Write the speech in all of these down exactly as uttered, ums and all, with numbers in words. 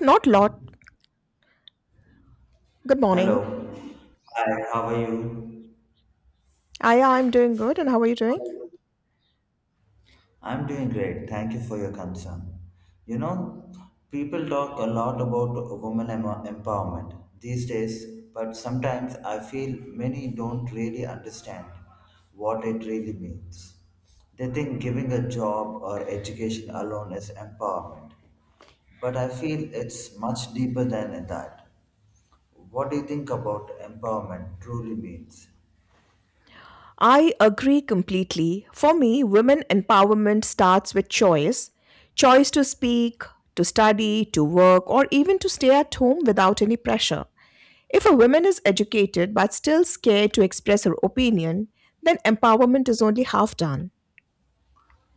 Not lot. Good morning. Hello. Hi, how are you? Aya, I'm doing good. And how are you doing? I'm doing great. Thank you for your concern. You know, People talk a lot about women em- empowerment these days, but sometimes I feel many don't really understand what it really means. They think giving a job or education alone is empowerment, but I feel it's much deeper than that. What do you think about empowerment truly means? I agree completely. For me, women empowerment starts with choice choice to speak, to study, to work, or even to stay at home without any pressure. If a woman is educated but still scared to express her opinion, then empowerment is only half done.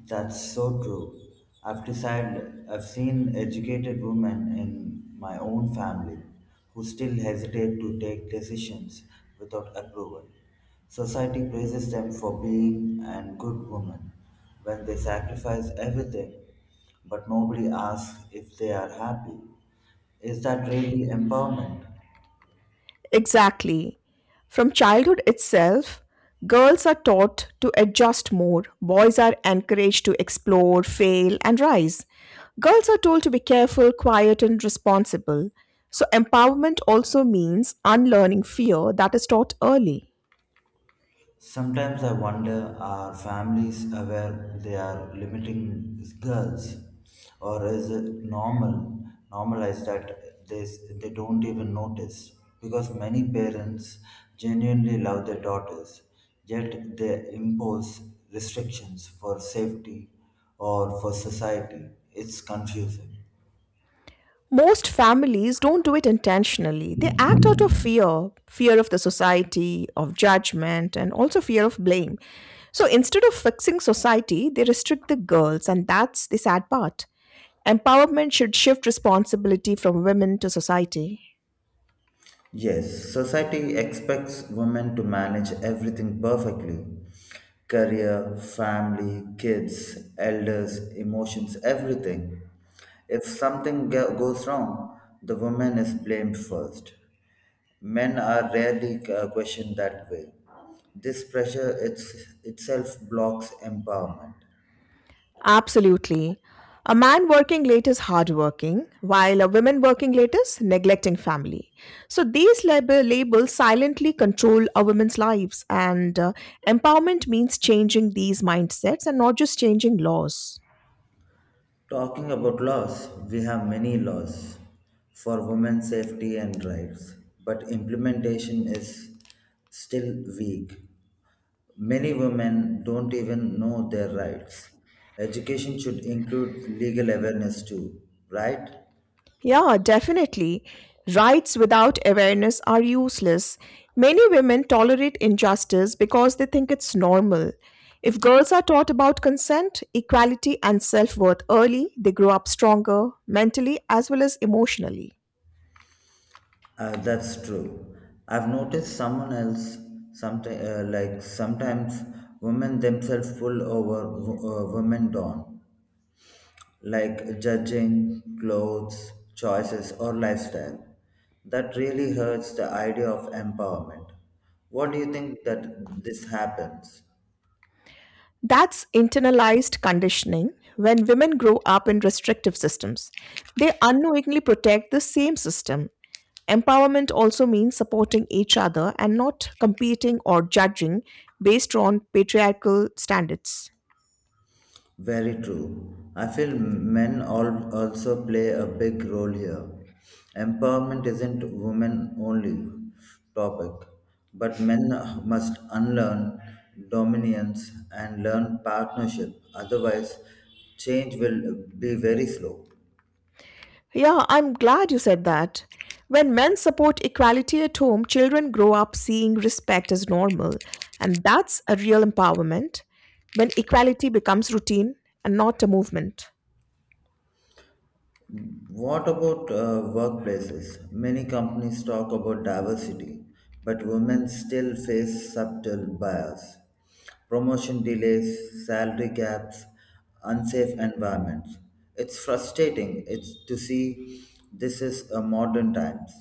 That's so true. I've decided I've seen educated women in my own family who still hesitate to take decisions without approval. Society praises them for being and good women when they sacrifice everything, but nobody asks if they are happy. Is that really empowerment? Exactly. From childhood itself, girls are taught to adjust more, boys are encouraged to explore, fail, and rise. Girls are told to be careful, quiet, and responsible. So, empowerment also means unlearning fear that is taught early. Sometimes I wonder, are families aware they are limiting girls, or is it normal normalized that they s- they don't even notice? Because many parents genuinely love their daughters, yet they impose restrictions for safety or for society. It's confusing. Most families don't do it intentionally. They act out of fear fear of the society, of judgment, and also fear of blame. So instead of fixing society, they restrict the girls, and that's the sad part. Empowerment should shift responsibility from women to society. Yes, society expects women to manage everything perfectly: career, family, kids, elders, emotions, everything. If something go- goes wrong, the woman is blamed first. Men are rarely uh, questioned that way. This pressure it's, itself blocks empowerment. Absolutely. A man working late is hardworking, while a woman working late is neglecting family. So these lab- labels silently control a woman's lives, and uh, empowerment means changing these mindsets and not just changing laws. Talking about laws, we have many laws for women's safety and rights, but implementation is still weak. Many women don't even know their rights. Education should include legal awareness too, right? Yeah, definitely. Rights without awareness are useless. Many women tolerate injustice because they think it's normal. If girls are taught about consent, equality, and self worth early, they grow up stronger, mentally as well as emotionally. Uh, that's true. I've noticed someone else, sometimes uh, like sometimes women themselves pull over w- uh, women down, like judging clothes, choices, or lifestyle. That really hurts the idea of empowerment. What do you think that this happens? That's internalized conditioning when women grow up in restrictive systems. They unknowingly protect the same system. Empowerment also means supporting each other and not competing or judging based on patriarchal standards. Very true. I feel men all also play a big role here. Empowerment isn't women only topic, but men must unlearn dominance and learn partnership. Otherwise, change will be very slow. Yeah, I'm glad you said that. When men support equality at home, children grow up seeing respect as normal, and that's a real empowerment when equality becomes routine and not a movement. What about uh, workplaces? Many companies talk about diversity, but women still face subtle bias: promotion delays, salary gaps, unsafe environments. It's frustrating it's to see this is a modern times.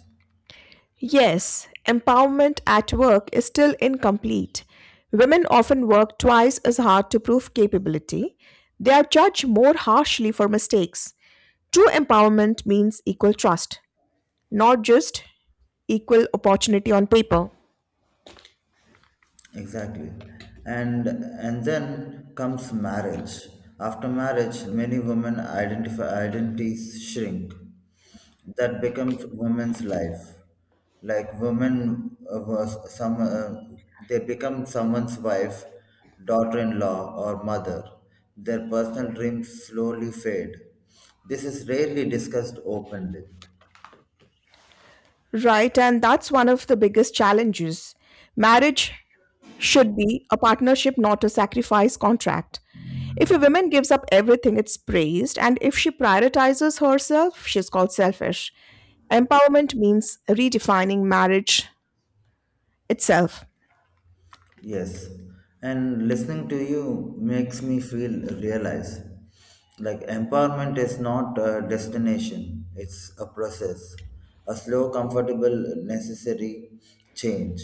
Yes, empowerment at work is still incomplete. Women often work twice as hard to prove capability. They are judged more harshly for mistakes. True empowerment means equal trust, not just equal opportunity on paper. Exactly. And and then comes marriage. After marriage, many women identify identities shrink. That becomes women's life. Like, women uh, was some uh, they become someone's wife, daughter-in-law, or mother. Their personal dreams slowly fade. This is rarely discussed openly. Right, and that's one of the biggest challenges. Marriage should be a partnership, not a sacrifice contract. If a woman gives up everything, it's praised, and if she prioritizes herself, she's called selfish. Empowerment means redefining marriage itself. Yes, and listening to you makes me feel realize, like, empowerment is not a destination, it's a process, a slow, comfortable, necessary change.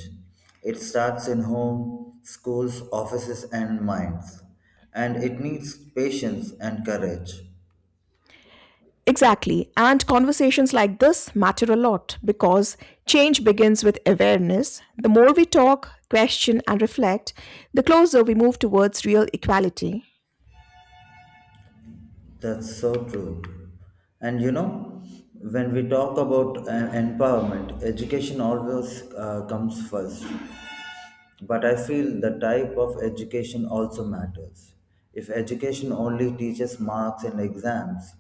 It starts in home, schools, offices, and minds, and it needs patience and courage. Exactly, and conversations like this matter a lot because change begins with awareness. The more we talk, question, and reflect, the closer we move towards real equality. That's so true. And you know, when we talk about uh, empowerment, education always uh, comes first. But I feel the type of education also matters. If education only teaches marks and exams,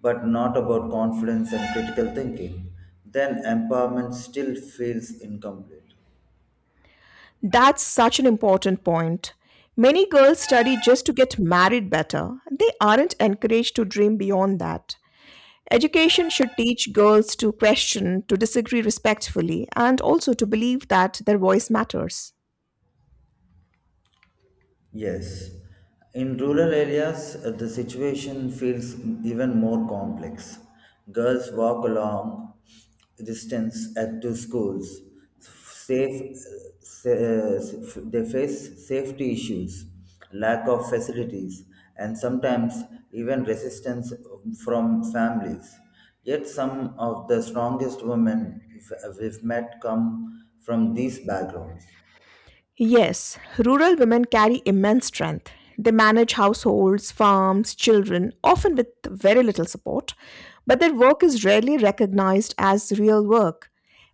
but not about confidence and critical thinking, then empowerment still feels incomplete. That's such an important point. Many girls study just to get married better. They aren't encouraged to dream beyond that. Education should teach girls to question, to disagree respectfully, and also to believe that their voice matters. Yes, in rural areas, uh, the situation feels even more complex. Girls walk a long distance at to schools. Safe, uh, sa- uh, they face safety issues, lack of facilities, and sometimes even resistance from families. Yet, some of the strongest women if- we've met come from these backgrounds. Yes, rural women carry immense strength. They manage households, farms, children, often with very little support, but their work is rarely recognized as real work.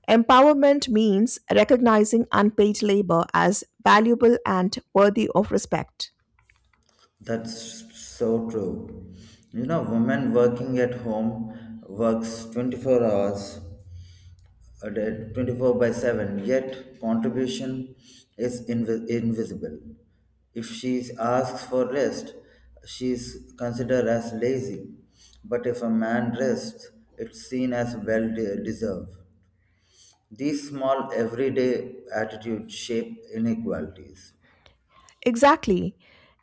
Empowerment means recognizing unpaid labor as valuable and worthy of respect. That's so true. You know, women working at home works twenty-four hours a day, twenty-four by seven, yet contribution is invi- invisible. If she asks for rest, she's considered as lazy. But if a man rests, it's seen as well de- deserved. These small everyday attitudes shape inequalities. Exactly.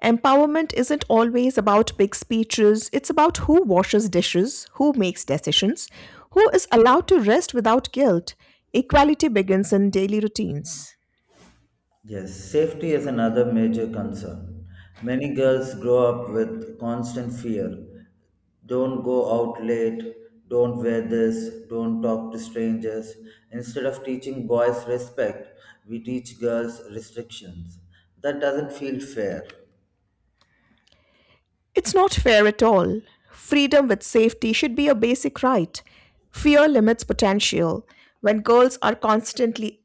Empowerment isn't always about big speeches, it's about who washes dishes, who makes decisions, who is allowed to rest without guilt. Equality begins in daily routines. Yes, safety is another major concern. Many girls grow up with constant fear: don't go out late, don't wear this, don't talk to strangers. Instead of teaching boys respect, we teach girls restrictions. That doesn't feel fair. It's not fair at all. Freedom with safety should be a basic right. Fear limits potential. When girls are constantly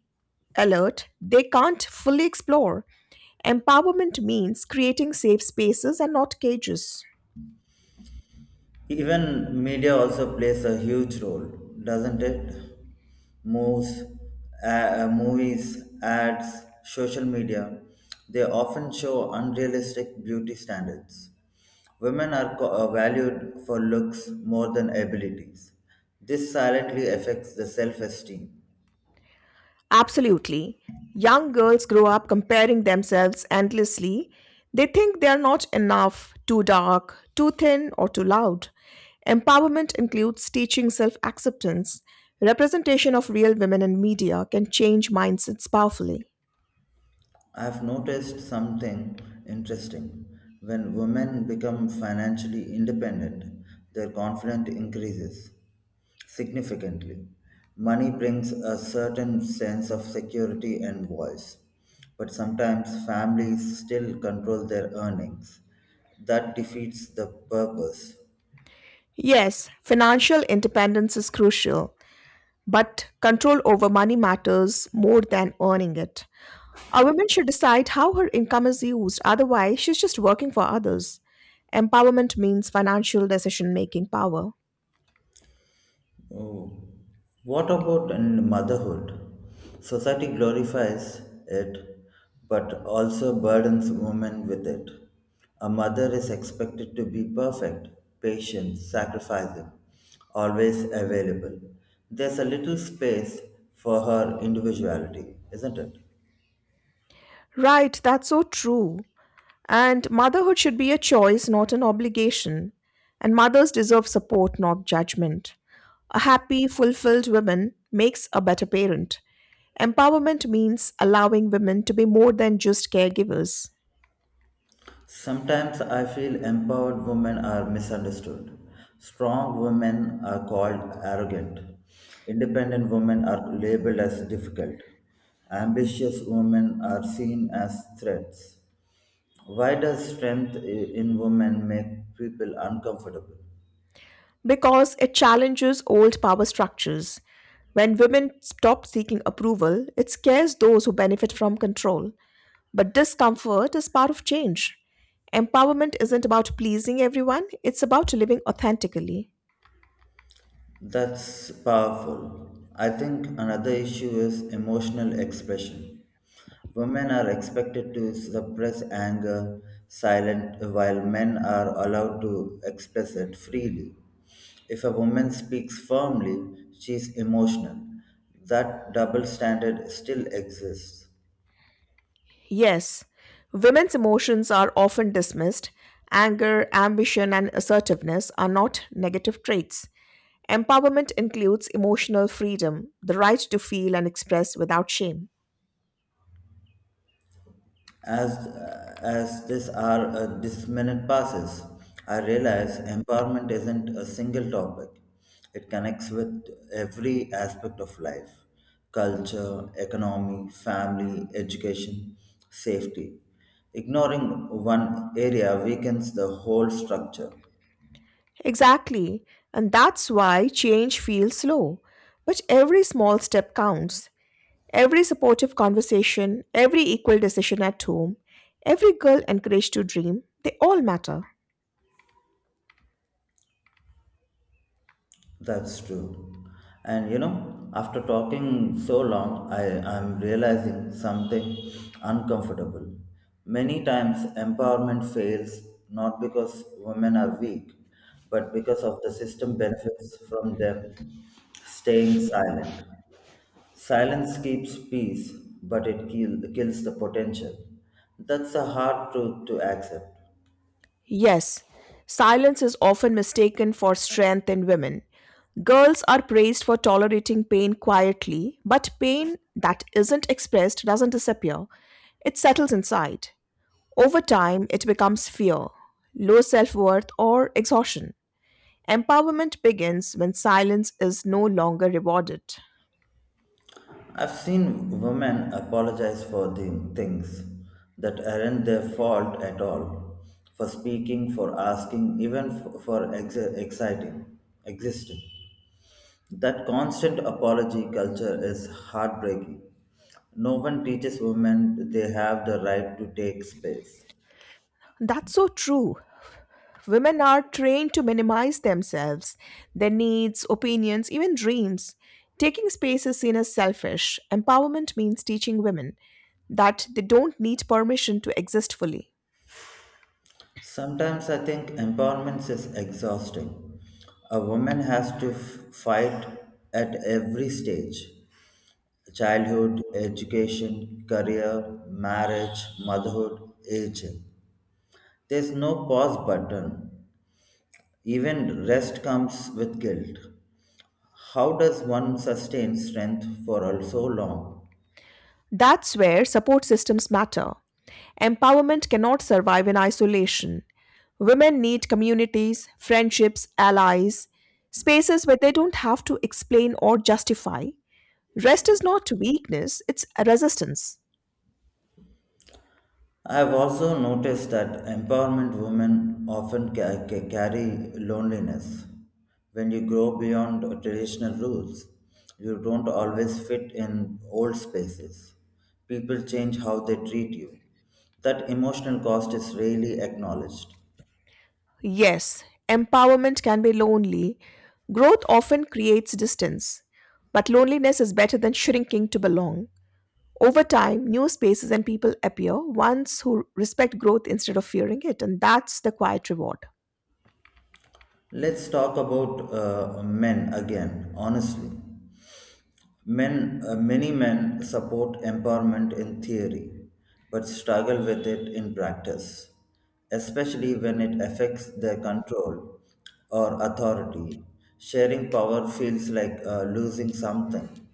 alert, they can't fully explore. Empowerment means creating safe spaces and not cages. Even media also plays a huge role, doesn't it? Moves, uh, uh, movies, ads, social media, they often show unrealistic beauty standards. Women are co- uh, valued for looks more than abilities. This silently affects the self esteem. Absolutely. Young girls grow up comparing themselves endlessly. They think they are not enough, too dark, too thin, or too loud. Empowerment includes teaching self acceptance. Representation of real women in media can change mindsets powerfully. I've noticed something interesting. When women become financially independent, their confidence increases significantly. Money brings a certain sense of security and voice, but sometimes families still control their earnings. That defeats the purpose. Yes, financial independence is crucial, but control over money matters more than earning it. A woman should decide how her income is used, otherwise, she's just working for others. Empowerment means financial decision making power. Oh, what about in motherhood? Society glorifies it, but also burdens women with it. A mother is expected to be perfect, patient, sacrificing, always available. There's a little space for her individuality, isn't it? Right, that's so true. And motherhood should be a choice, not an obligation. And mothers deserve support, not judgment. A happy, fulfilled woman makes a better parent. Empowerment means allowing women to be more than just caregivers. Sometimes I feel empowered women are misunderstood. Strong women are called arrogant. Independent women are labeled as difficult. Ambitious women are seen as threats. Why does strength i- in women make people uncomfortable? Because it challenges old power structures. When women stop seeking approval, it scares those who benefit from control. But discomfort is part of change. Empowerment isn't about pleasing everyone, it's about living authentically. That's powerful. I think another issue is emotional expression. Women are expected to suppress anger silent while men are allowed to express it freely. If a woman speaks firmly, she is emotional. That double standard still exists. Yes, women's emotions are often dismissed. Anger, ambition, and assertiveness are not negative traits. Empowerment includes emotional freedom, the right to feel and express without shame. As as this hour, uh, this minute passes, I realize empowerment isn't a single topic. It connects with every aspect of life: culture, economy, family, education, safety. Ignoring one area weakens the whole structure. Exactly. And that's why change feels slow. But every small step counts. Every supportive conversation, every equal decision at home, every girl encouraged to dream, they all matter. That's true. And you know, after talking so long, I am realizing something uncomfortable. Many times, empowerment fails not because women are weak, but because of the system benefits from them staying silent. Silence keeps peace, but it kill, kills the potential. That's a hard truth to accept. Yes, silence is often mistaken for strength in women. Girls are praised for tolerating pain quietly, but pain that isn't expressed doesn't disappear. It settles inside. Over time, it becomes fear, low self worth, or exhaustion. Empowerment begins when silence is no longer rewarded. I've seen women apologize for the things that aren't their fault at all, for speaking, for asking, even f- for ex- exciting, existing. That constant apology culture is heartbreaking. No one teaches women they have the right to take space. That's so true. Women are trained to minimize themselves, their needs, opinions, even dreams. Taking space is seen as selfish. Empowerment means teaching women that they don't need permission to exist fully. Sometimes I think empowerment is exhausting. A woman has to f- fight at every stage: childhood, education, career, marriage, motherhood, aging. There's no pause button. Even rest comes with guilt. How does one sustain strength for so long? That's where support systems matter. Empowerment cannot survive in isolation. Women need communities, friendships, allies, spaces where they don't have to explain or justify. Rest is not weakness, it's a resistance. I've also noticed that empowerment women often ca- ca- carry loneliness. When you grow beyond traditional rules, you don't always fit in old spaces. People change how they treat you. That emotional cost is rarely acknowledged. Yes, empowerment can be lonely. Growth often creates distance, but loneliness is better than shrinking to belong. Over time, new spaces and people appear, ones who respect growth instead of fearing it, and that's the quiet reward. Let's talk about uh, men again, honestly. Men, uh, many men support empowerment in theory, but struggle with it in practice, especially when it affects their control or authority. Sharing power feels like uh, losing something.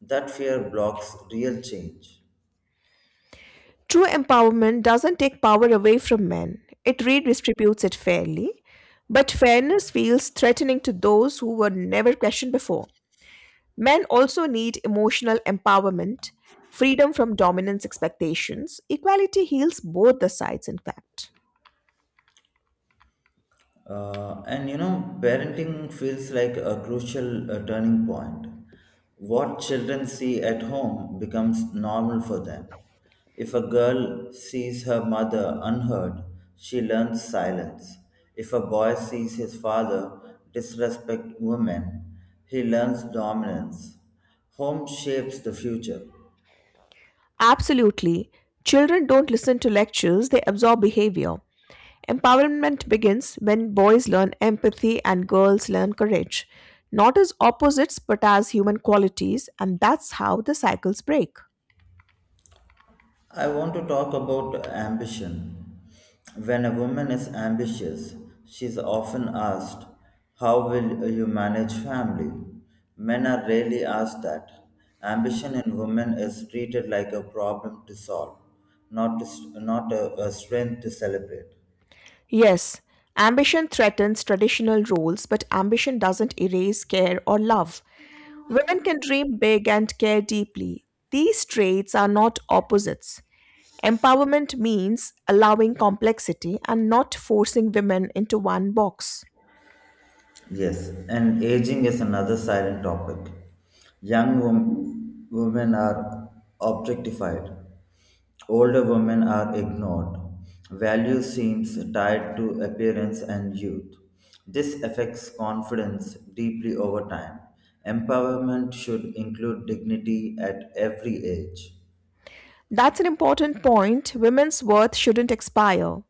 That fear blocks real change. True empowerment doesn't take power away from men, it redistributes it fairly. But fairness feels threatening to those who were never questioned before. Men also need emotional empowerment, freedom from dominance expectations. Equality heals both the sides, in fact. Uh, and you know, parenting feels like a crucial uh, turning point. What children see at home becomes normal for them. If a girl sees her mother unheard, she learns silence. If a boy sees his father disrespect women, he learns dominance. Home shapes the future. Absolutely. Children don't listen to lectures, they absorb behavior. Empowerment begins when boys learn empathy and girls learn courage, not as opposites but as human qualities, and that's how the cycles break. I want to talk about ambition. When a woman is ambitious, she is often asked, how will you manage family? Men are rarely asked that. Ambition in women is treated like a problem to solve, not, to, not a, a strength to celebrate. Yes, ambition threatens traditional roles, but ambition doesn't erase care or love. Women can dream big and care deeply. These traits are not opposites. Empowerment means allowing complexity and not forcing women into one box. Yes, and aging is another silent topic. Young wom- women are objectified, older women are ignored. Value seems tied to appearance and youth. This affects confidence deeply over time. Empowerment should include dignity at every age. That's an important point. Women's worth shouldn't expire.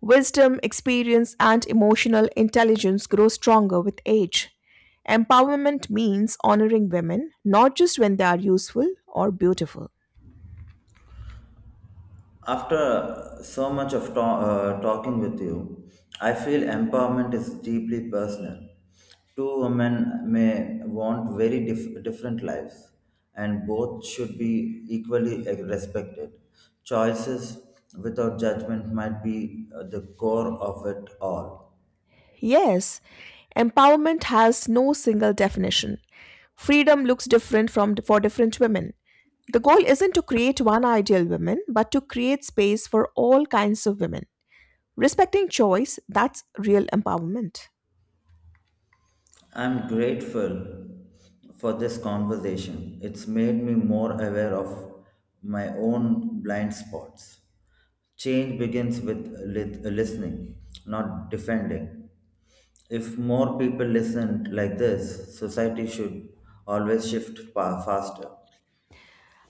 Wisdom, experience, and emotional intelligence grow stronger with age. Empowerment means honoring women, not just when they are useful or beautiful. After so much of ta- uh, talking with you, I feel empowerment is deeply personal. Two women may want very dif- different lives, and both should be equally respected. Choices without judgment might be uh, the core of it all. Yes, empowerment has no single definition. Freedom looks different from for different women. The goal isn't to create one ideal woman, but to create space for all kinds of women. Respecting choice, that's real empowerment. I'm grateful for this conversation. It's made me more aware of my own blind spots. Change begins with lit- listening, not defending. If more people listened like this, society should always shift pa- faster.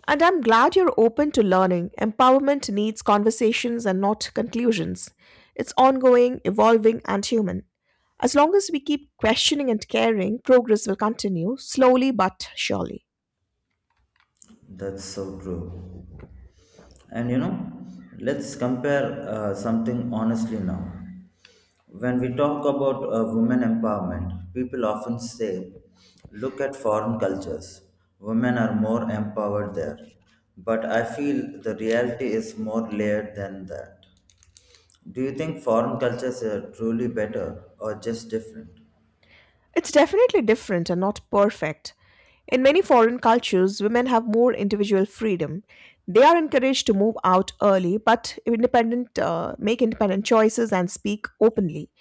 And I'm glad you're open to learning. Empowerment needs conversations and not conclusions. It's ongoing, evolving, and human. As long as we keep questioning and caring, progress will continue, slowly but surely. That's so true. And you know, let's compare uh, something honestly now. When we talk about uh, women empowerment, people often say, look at foreign cultures. Women are more empowered there. But I feel the reality is more layered than that. Do you think foreign cultures are truly better or just different? It's definitely different and not perfect. In many foreign cultures, women have more individual freedom. They are encouraged to move out early, but independent, uh, make independent choices and speak openly.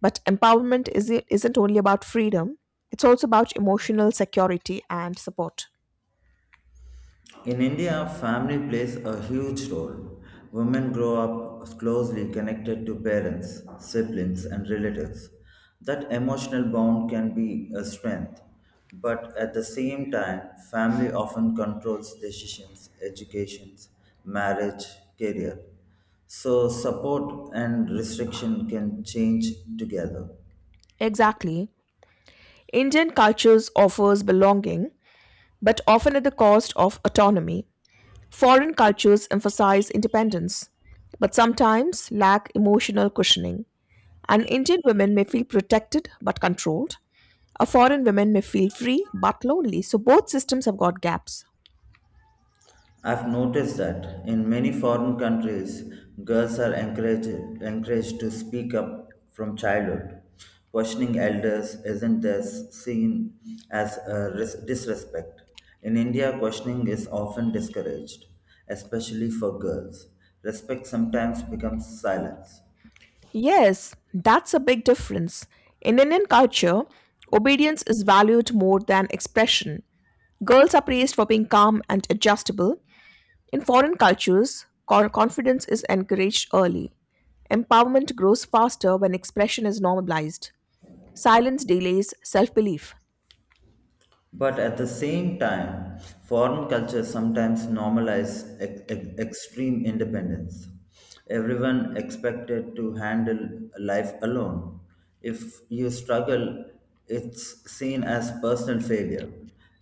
But empowerment is, isn't only about freedom; it's also about emotional security and support. In India, family plays a huge role. Women grow up closely connected to parents, siblings, and relatives. That emotional bond can be a strength, but at the same time, family often controls decisions, educations, marriage, career. So, support and restriction can change together. Exactly, Indian cultures offers belonging, but often at the cost of autonomy. Foreign cultures emphasize independence, but sometimes lack emotional cushioning. An Indian woman may feel protected but controlled. A foreign woman may feel free but lonely. So both systems have got gaps. I've noticed that in many foreign countries, girls are encouraged, encouraged to speak up from childhood. Questioning elders isn't as seen as a ris- disrespect. In India, questioning is often discouraged, especially for girls. Respect sometimes becomes silence. Yes, that's a big difference. In Indian culture, obedience is valued more than expression. Girls are praised for being calm and adjustable. In foreign cultures, co- confidence is encouraged early. Empowerment grows faster when expression is normalized. Silence delays self belief. But at the same time, foreign cultures sometimes normalize ex- ex- extreme independence. Everyone expected to handle life alone. If you struggle, it's seen as personal failure.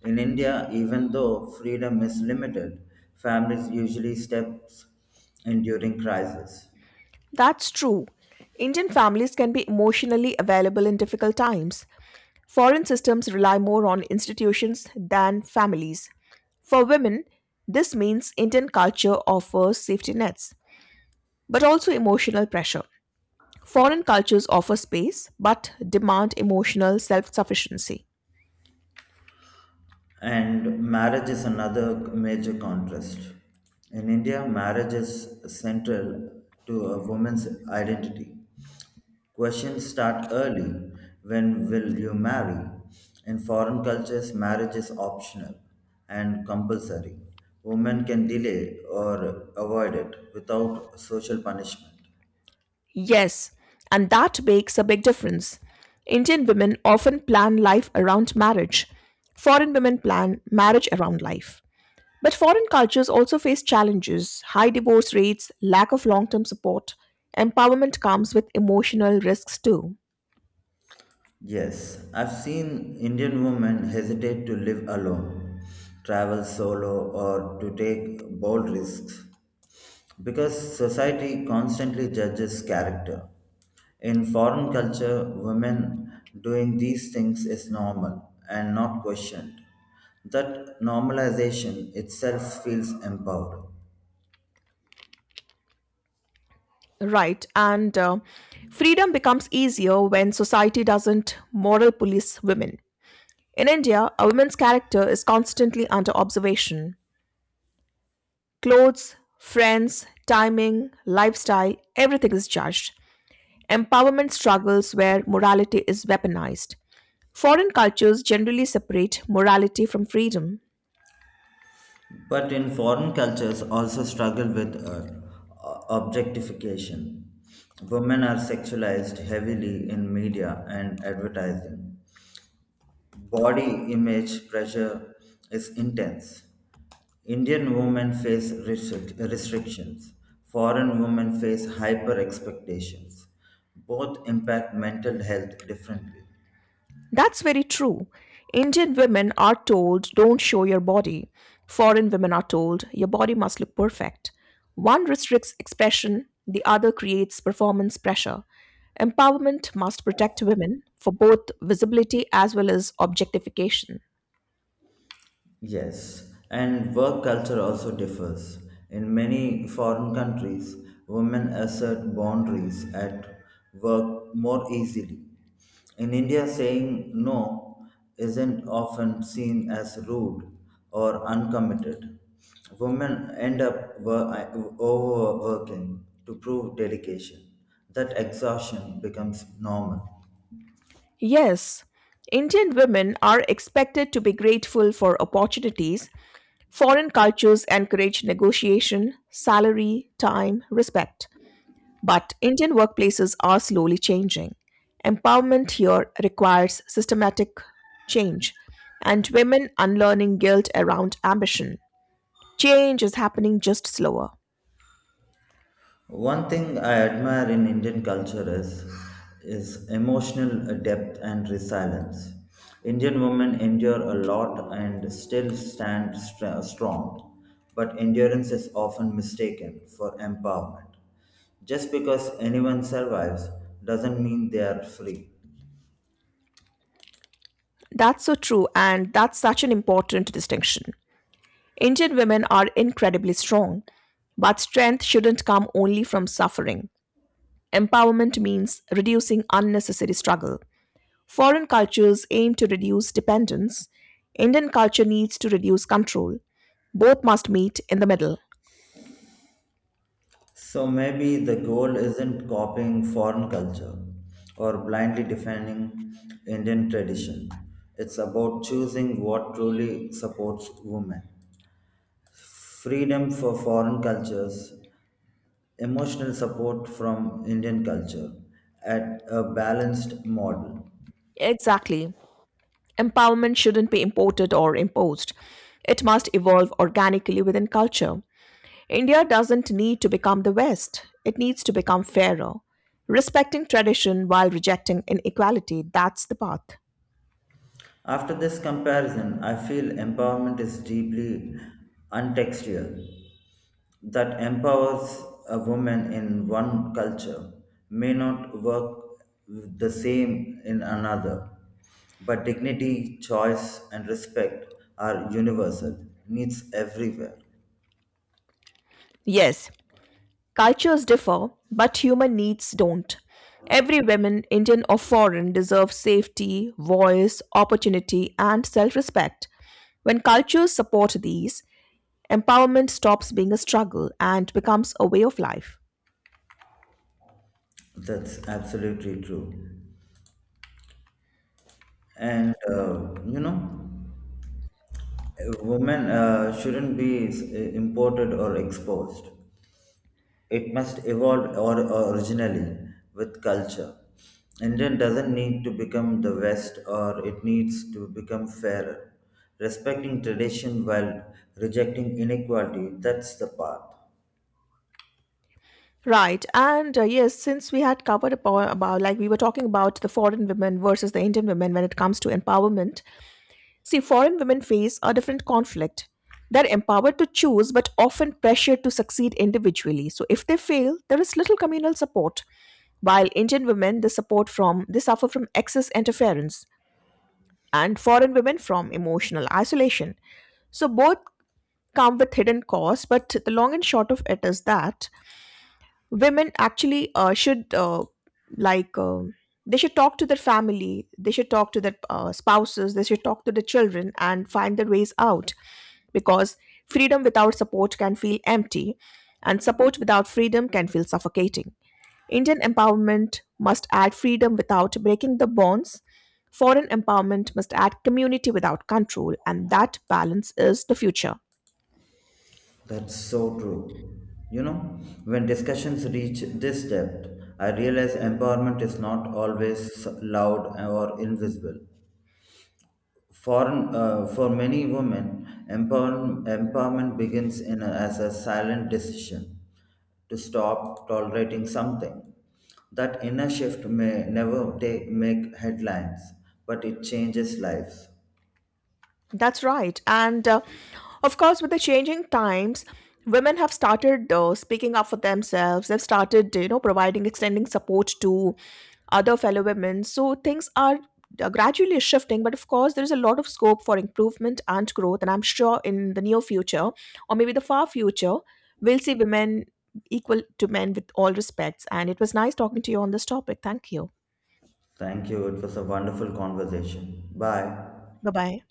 In India, even though freedom is limited, families usually steps in during crisis. That's true. Indian families can be emotionally available in difficult times. Foreign systems rely more on institutions than families. For women, this means Indian culture offers safety nets, but also emotional pressure. Foreign cultures offer space but demand emotional self sufficiency. And marriage is another major contrast. In India, marriage is central to a woman's identity. Questions start early, when will you marry? In foreign cultures, marriage is optional and compulsory. Women can delay or avoid it without social punishment. Yes, and that makes a big difference. Indian women often plan life around marriage. Foreign women plan marriage around life. But foreign cultures also face challenges high divorce rates, lack of long term support. Empowerment comes with emotional risks too. Yes, I've seen Indian women hesitate to live alone, travel solo, or to take bold risks because society constantly judges character. In foreign culture, women doing these things is normal and not questioned. That normalization itself feels empowering. Right, and uh, freedom becomes easier when society doesn't moral police women. In India, a woman's character is constantly under observation. Clothes, friends, timing, lifestyle, everything is judged. Empowerment struggles where morality is weaponized. Foreign cultures generally separate morality from freedom. But in foreign cultures also struggle with uh, objectification. Women are sexualized heavily in media and advertising. Body image pressure is intense. Indian women face restric- restrictions. Foreign women face hyper expectations. Both impact mental health differently. That's very true. Indian women are told, don't show your body. Foreign women are told, your body must look perfect. One restricts expression, the other creates performance pressure. Empowerment must protect women for both visibility as well as objectification. Yes, and work culture also differs. In many foreign countries, women assert boundaries at work more easily. In India, saying no isn't often seen as rude or uncommitted. Women end up wor- overworking to prove dedication. That exhaustion becomes normal. Yes, Indian women are expected to be grateful for opportunities. Foreign cultures encourage negotiation, salary, time, respect. But Indian workplaces are slowly changing. Empowerment here requires systematic change and women unlearning guilt around ambition. Change is happening just slower. One thing I admire in Indian culture is, is emotional depth and resilience. Indian women endure a lot and still stand stra- strong, but endurance is often mistaken for empowerment. Just because anyone survives doesn't mean they are free. That's so true, and that's such an important distinction. Indian women are incredibly strong, but strength shouldn't come only from suffering. Empowerment means reducing unnecessary struggle. Foreign cultures aim to reduce dependence. Indian culture needs to reduce control. Both must meet in the middle. So maybe the goal isn't copying foreign culture or blindly defending Indian tradition. It's about choosing what truly supports women. Freedom for foreign cultures, emotional support from Indian culture at a balanced model. Exactly. Empowerment shouldn't be imported or imposed. It must evolve organically within culture. India doesn't need to become the West, it needs to become fairer. Respecting tradition while rejecting inequality, that's the path. After this comparison, I feel empowerment is deeply untextual, that empowers a woman in one culture may not work the same in another, but dignity, choice, and respect are universal, needs everywhere. Yes, cultures differ, but human needs don't. Every woman, Indian or foreign, deserves safety, voice, opportunity, and self respect. When cultures support these, empowerment stops being a struggle and becomes a way of life. That's absolutely true. And uh, you know, women uh, shouldn't be uh, imported or exposed. It must evolve or originally with culture. Indian doesn't need to become the West or it needs to become fairer. Respecting tradition while rejecting inequality, that's the path. Right. And uh, yes, since we had covered about, about, like, we were talking about the foreign women versus the Indian women when it comes to empowerment, see, foreign women face a different conflict. They're empowered to choose, but often pressured to succeed individually. So if they fail, there is little communal support. While Indian women, they support from, they suffer from excess interference, and foreign women from emotional isolation. So both come with hidden costs, but the long and short of it is that women actually uh, should uh, like um they should talk to their family, they should talk to their uh, spouses, they should talk to the children and find their ways out, because freedom without support can feel empty, and support without freedom can feel suffocating. Indian empowerment must add freedom without breaking the bonds. Foreign empowerment must add community without control, and that balance is the future. That's so true. You know, when discussions reach this depth, I realize empowerment is not always loud or invisible. For, uh, for many women, empower, empowerment begins in a, as a silent decision to stop tolerating something. That inner shift may never take, make headlines, but it changes lives. That's right. And uh, of course, with the changing times, women have started uh, speaking up for themselves. They've started, you know, providing, extending support to other fellow women. So things are uh, gradually shifting. But of course, there is a lot of scope for improvement and growth. And I'm sure in the near future, or maybe the far future, we'll see women equal to men with all respects. And it was nice talking to you on this topic. Thank you. Thank you. It was a wonderful conversation. Bye. Bye bye.